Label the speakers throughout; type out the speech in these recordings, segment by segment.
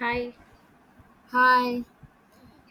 Speaker 1: Hi,
Speaker 2: Hi,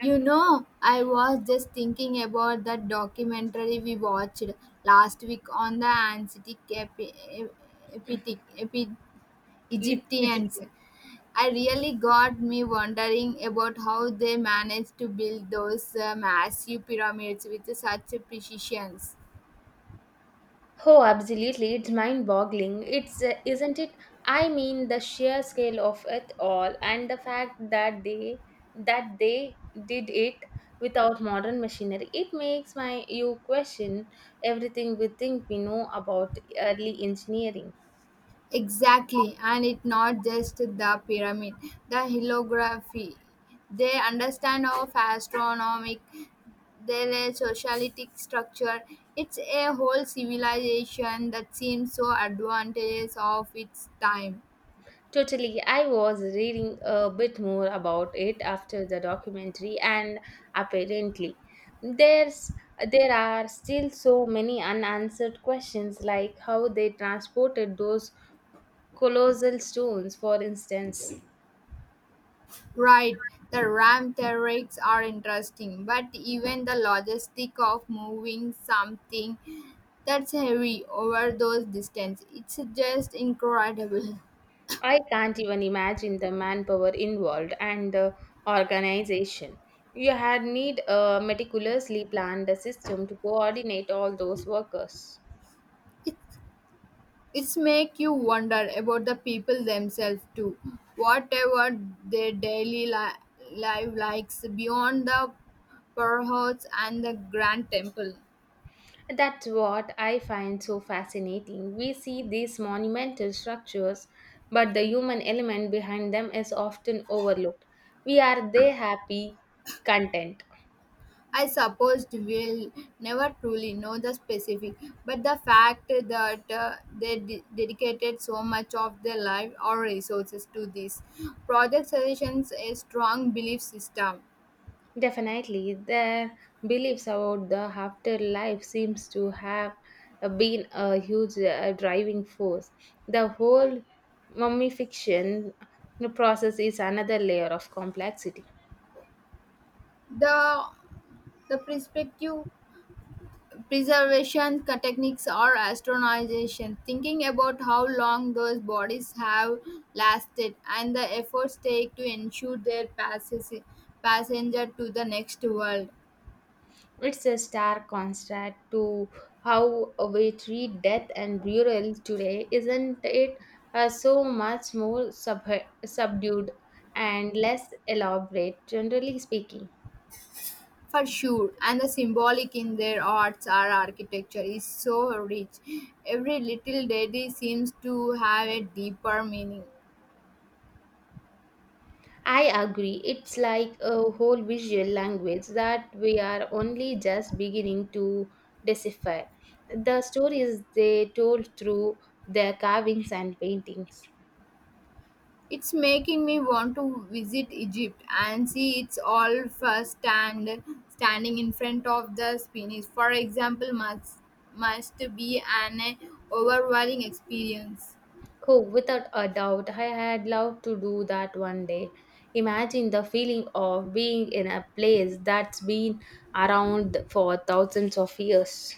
Speaker 2: you know, I was just thinking about that documentary we watched last week on the ancient Epitic- Epi-
Speaker 1: E- Egypt.
Speaker 2: Egyptians. I really got me wondering about how they managed to build those massive pyramids with such precision.
Speaker 1: Oh, absolutely. It's mind-boggling. It's Isn't it? I mean, the sheer scale of it all, and the fact that they did it without modern machinery. It makes my you question everything we think we know about early engineering.
Speaker 2: Exactly, and it's not just the pyramid, the holography. They understand of astronomic, their socialistic structure. It's a whole civilization that seems so advantageous of its time.
Speaker 1: Totally. I was reading a bit more about it after the documentary, and apparently, there's there are still so many unanswered questions, like how they transported those colossal stones, for instance.
Speaker 2: Right, the RAM theories are interesting, but even the logistic of moving something that's heavy over those distances, it's just incredible.
Speaker 1: I can't even imagine the manpower involved and the organization. You had need a meticulously planned system to coordinate all those workers.
Speaker 2: It's make you wonder about the people themselves too. Whatever their daily life likes beyond the perhots and the grand temple.
Speaker 1: That's what I find so fascinating. We see these monumental structures, but the human element behind them is often overlooked. We are they happy, content.
Speaker 2: I suppose we'll never truly know the specific, but the fact that they dedicated so much of their life or resources to this project suggests a strong belief system.
Speaker 1: Definitely, their beliefs about the afterlife seems to have been a huge driving force. The whole mummification process is another layer of complexity.
Speaker 2: The the perspective preservation techniques or astronomization, thinking about how long those bodies have lasted and the efforts take to ensure their passage, passenger to the next world.
Speaker 1: It's a stark contrast to how we treat death and burial today, isn't it? So much more subdued and less elaborate, generally speaking.
Speaker 2: For sure, and the symbolic in their arts or architecture is so rich. Every little deity seems to have a deeper meaning.
Speaker 1: I agree. It's like a whole visual language that we are only just beginning to decipher. The stories they told through their carvings and paintings.
Speaker 2: It's making me want to visit Egypt and see it's all firsthand standing in front of the sphinx. For example, must be an overwhelming experience.
Speaker 1: Oh, without a doubt, I had loved to do that one day. Imagine the feeling of being in a place that's been around for thousands of years.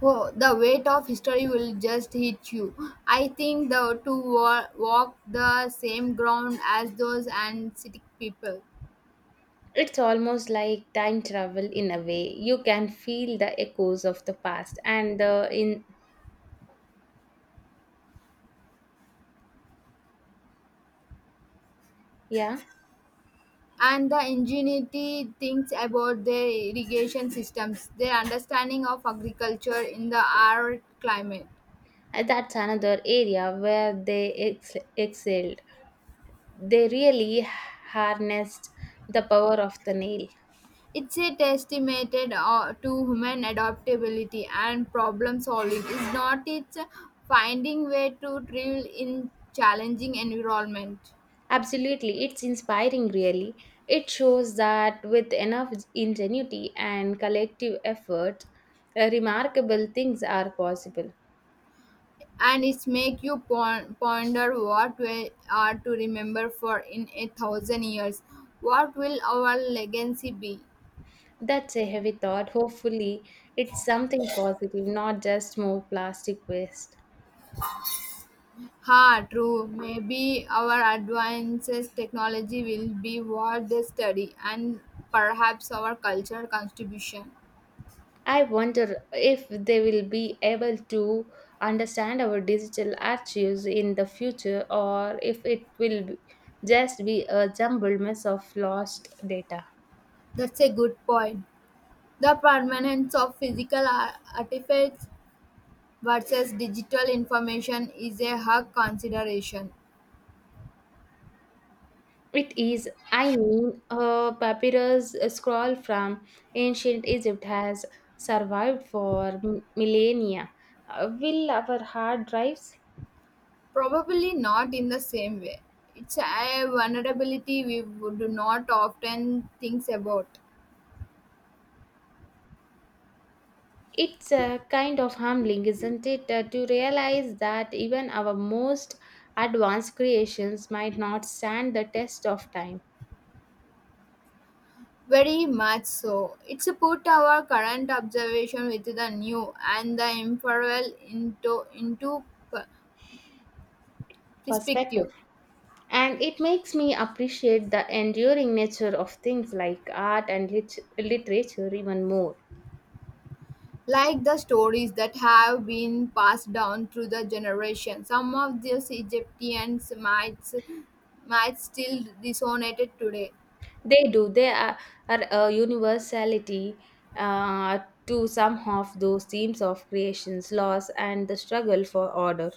Speaker 2: Oh, the weight of history will just hit you. I think the to walk the same ground as those and Antarctic people.
Speaker 1: It's almost like time travel in a way. You can feel the echoes of the past and the in yeah,
Speaker 2: And the ingenuity thinks about their irrigation systems, their understanding of agriculture in the arid climate.
Speaker 1: and that's another area where they excelled. They really harnessed the power of the nail.
Speaker 2: It's a testament to human adaptability and problem solving. Is not it's finding way to thrive in challenging environment,
Speaker 1: Absolutely, it's inspiring, really. It shows that with enough ingenuity and collective effort, remarkable things are possible.
Speaker 2: and it's make you ponder what we are to remember for in a thousand years. What will our legacy be?
Speaker 1: That's a heavy thought. Hopefully, it's something positive, not just more plastic waste.
Speaker 2: Ha, true. Maybe our advances technology will be what they study and perhaps our cultural contribution.
Speaker 1: I wonder if they will be able to understand our digital archives in the future or if it will be- just be a jumbled mess of lost data.
Speaker 2: That's a good point. The permanence of physical artifacts versus digital information is a hard consideration.
Speaker 1: It is, I mean, a papyrus scroll from ancient Egypt has survived for millennia. Will our hard drives?
Speaker 2: Probably not in the same way. It's a vulnerability we would not often think about.
Speaker 1: It's kind of humbling, isn't it, to realize that even our most advanced creations might not stand the test of time
Speaker 2: Very much so. It's a put our current observation with the new and the imperil into p-
Speaker 1: perspective.
Speaker 2: perspective.
Speaker 1: And it makes me appreciate the enduring nature of things like art and literature even more.
Speaker 2: Like the stories that have been passed down through the generation, some of these Egyptians might still resonate today.
Speaker 1: They do. Are a universality uh, to some of those themes of creation's loss and the struggle for order.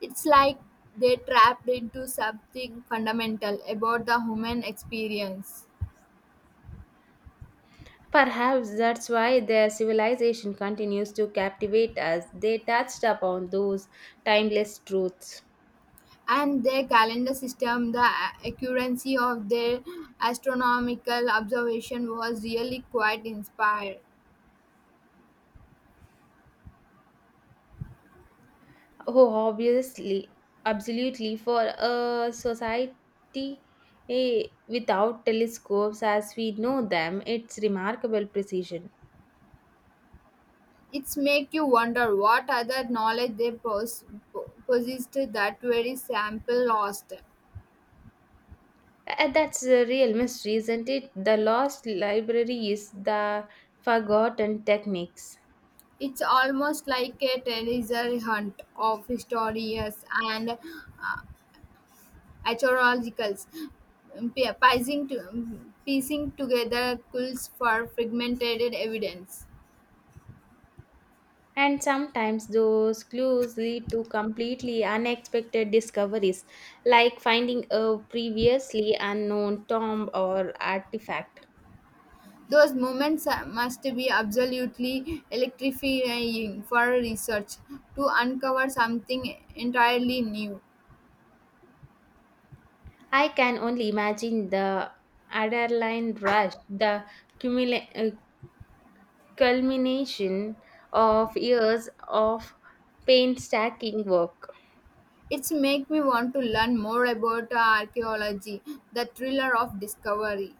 Speaker 2: It's like they trapped into something fundamental about the human experience.
Speaker 1: Perhaps that's why their civilization continues to captivate us. They touched upon those timeless truths.
Speaker 2: And their calendar system, the accuracy of their astronomical observation was really quite inspired.
Speaker 1: Oh, obviously, absolutely, for a society eh, without telescopes as we know them, it's remarkable precision.
Speaker 2: It's make you wonder what other knowledge they possessed that very sample lost.
Speaker 1: That's a real mystery, isn't it? The lost library is the forgotten techniques.
Speaker 2: It's almost like a treasure hunt of historians and archaeologicals piecing together clues for fragmented evidence.
Speaker 1: And sometimes those clues lead to completely unexpected discoveries, like finding a previously unknown tomb or artifact.
Speaker 2: Those moments must be absolutely electrifying for research to uncover something entirely new.
Speaker 1: I can only imagine the adrenaline rush, the cumula- uh, culmination of years of painstaking work.
Speaker 2: It's make me want to learn more about archaeology, the thriller of discovery.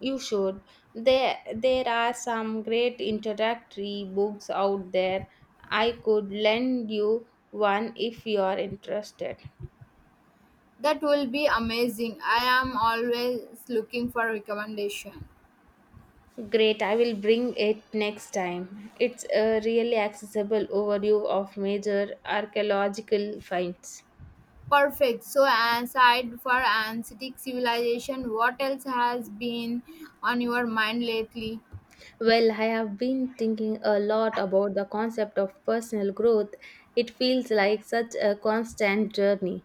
Speaker 1: You should. There are some great introductory books out there. I could lend you one if you are interested.
Speaker 2: That will be amazing. I am always looking for recommendation.
Speaker 1: Great, I will bring it next time. It's a really accessible overview of major archaeological finds.
Speaker 2: Perfect. So aside for ancient civilization, what else has been on your mind lately?
Speaker 1: Well, I have been thinking a lot about the concept of personal growth. It feels like such a constant journey.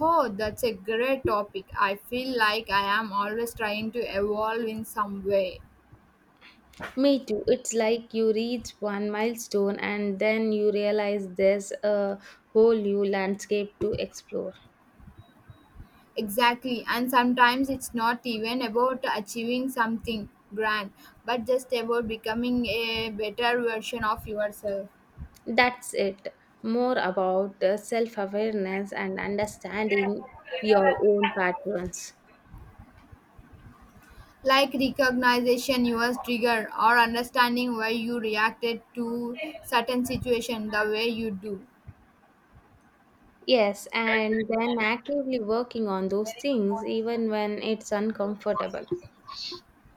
Speaker 2: Oh, that's a great topic. I feel like I am always trying to evolve in some way.
Speaker 1: Me too. It's like you reach one milestone and then you realize there's a whole new landscape to explore.
Speaker 2: Exactly. And sometimes it's not even about achieving something grand, but just about becoming a better version of yourself.
Speaker 1: That's it. More about self awareness and understanding your own patterns.
Speaker 2: Like recognition your trigger or understanding why you reacted to certain situation the way you do.
Speaker 1: Yes, and then actively working on those things even when it's uncomfortable.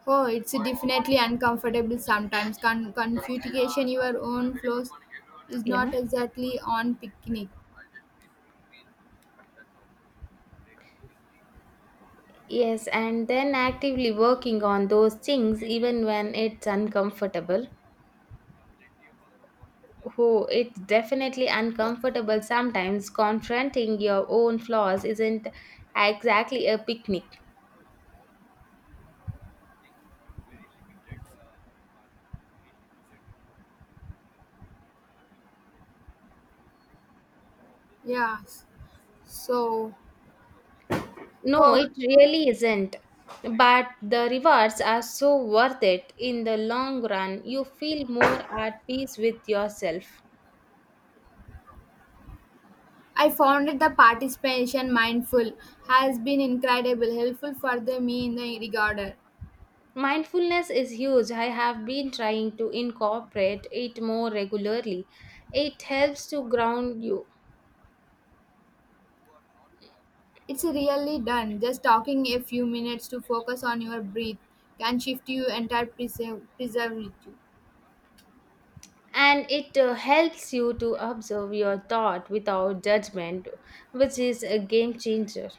Speaker 2: Oh, it's definitely uncomfortable sometimes. Configuration your own flows is
Speaker 1: Yeah.
Speaker 2: not exactly on picnic.
Speaker 1: Yes, and then actively working on those things even when it's uncomfortable. Oh, it's definitely uncomfortable sometimes confronting your own flaws isn't exactly a picnic.
Speaker 2: Yeah. So,
Speaker 1: No,
Speaker 2: oh,
Speaker 1: it really isn't, but the rewards are so worth it in the long run. You feel more at peace with yourself.
Speaker 2: I found that the participation mindful has been incredible helpful for the me in the regarder.
Speaker 1: Mindfulness is huge. I have been trying to incorporate it more regularly. It helps to ground you.
Speaker 2: It's really done. Just talking a few minutes to focus on your breath can shift you entire preserve you.
Speaker 1: And it helps you to observe your thought without judgment, which is a game changer.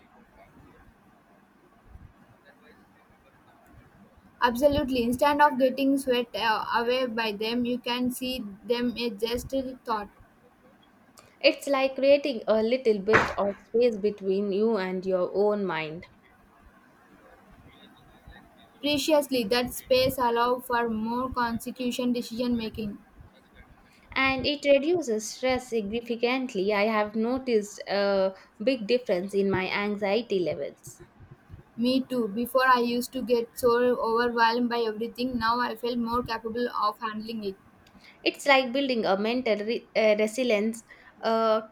Speaker 2: Absolutely. Instead of getting swept away by them, you can see them as just a thought.
Speaker 1: It's like creating a little bit of space between you and your own mind.
Speaker 2: Preciously, that space allows for more consecution decision making.
Speaker 1: And it reduces stress significantly. I have noticed a big difference in my anxiety levels.
Speaker 2: Me too. Before I used to get so overwhelmed by everything, now I feel more capable of handling it.
Speaker 1: It's like building a mental resilience, a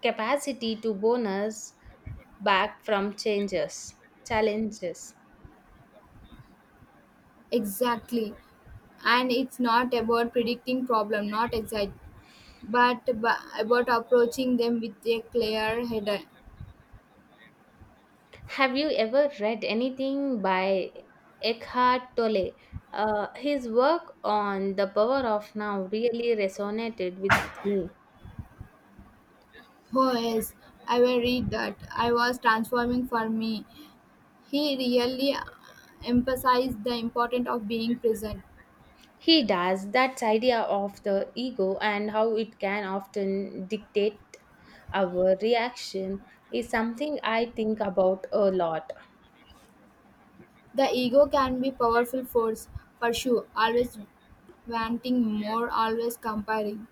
Speaker 1: capacity to bonus back from changes, challenges.
Speaker 2: Exactly. And it's not about predicting problem, not exact, but about approaching them with a clear head.
Speaker 1: Have you ever read anything by Eckhart Tolle? His work on the power of now really resonated with me.
Speaker 2: Oh yes, I will read that. I was transforming for me. He really emphasized the importance of being present.
Speaker 1: He does that idea of the ego and how it can often dictate our reaction is something I think about a lot.
Speaker 2: The ego can be powerful force for sure, always wanting more, always comparing.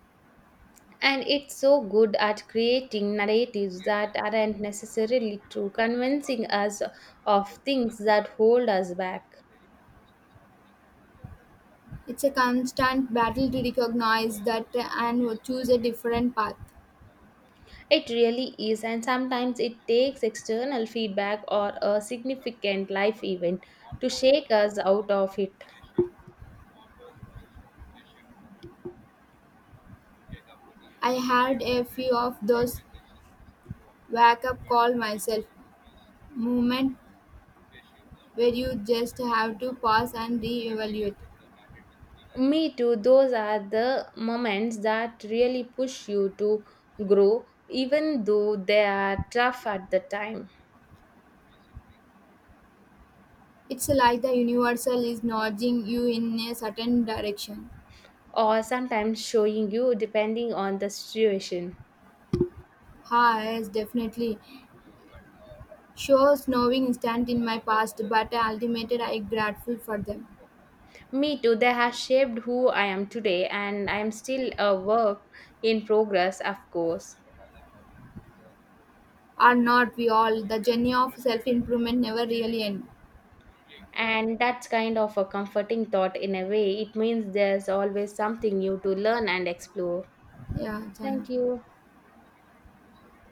Speaker 1: And it's so good at creating narratives that aren't necessarily true, convincing us of things that hold us back.
Speaker 2: It's a constant battle to recognize that and choose a different path.
Speaker 1: It really is, and sometimes it takes external feedback or a significant life event to shake us out of it.
Speaker 2: I had a few of those wake up call myself moment where you just have to pause and re-evaluate.
Speaker 1: Me too, those are the moments that really push you to grow, even though they are tough at the time,
Speaker 2: It's like the universal is nudging you in a certain direction.
Speaker 1: or sometimes showing you depending on the situation.
Speaker 2: Yes, definitely. Sure, snowing instant in my past, but ultimately I grateful for them.
Speaker 1: Me too, they have shaped who I am today, and I am still a work in progress, of course.
Speaker 2: Are not we all? The journey of self improvement never really end.
Speaker 1: And that's kind of a comforting thought in a way. It means there's always something new to learn and explore.
Speaker 2: Yeah, thank
Speaker 1: Thank
Speaker 2: you.
Speaker 1: you.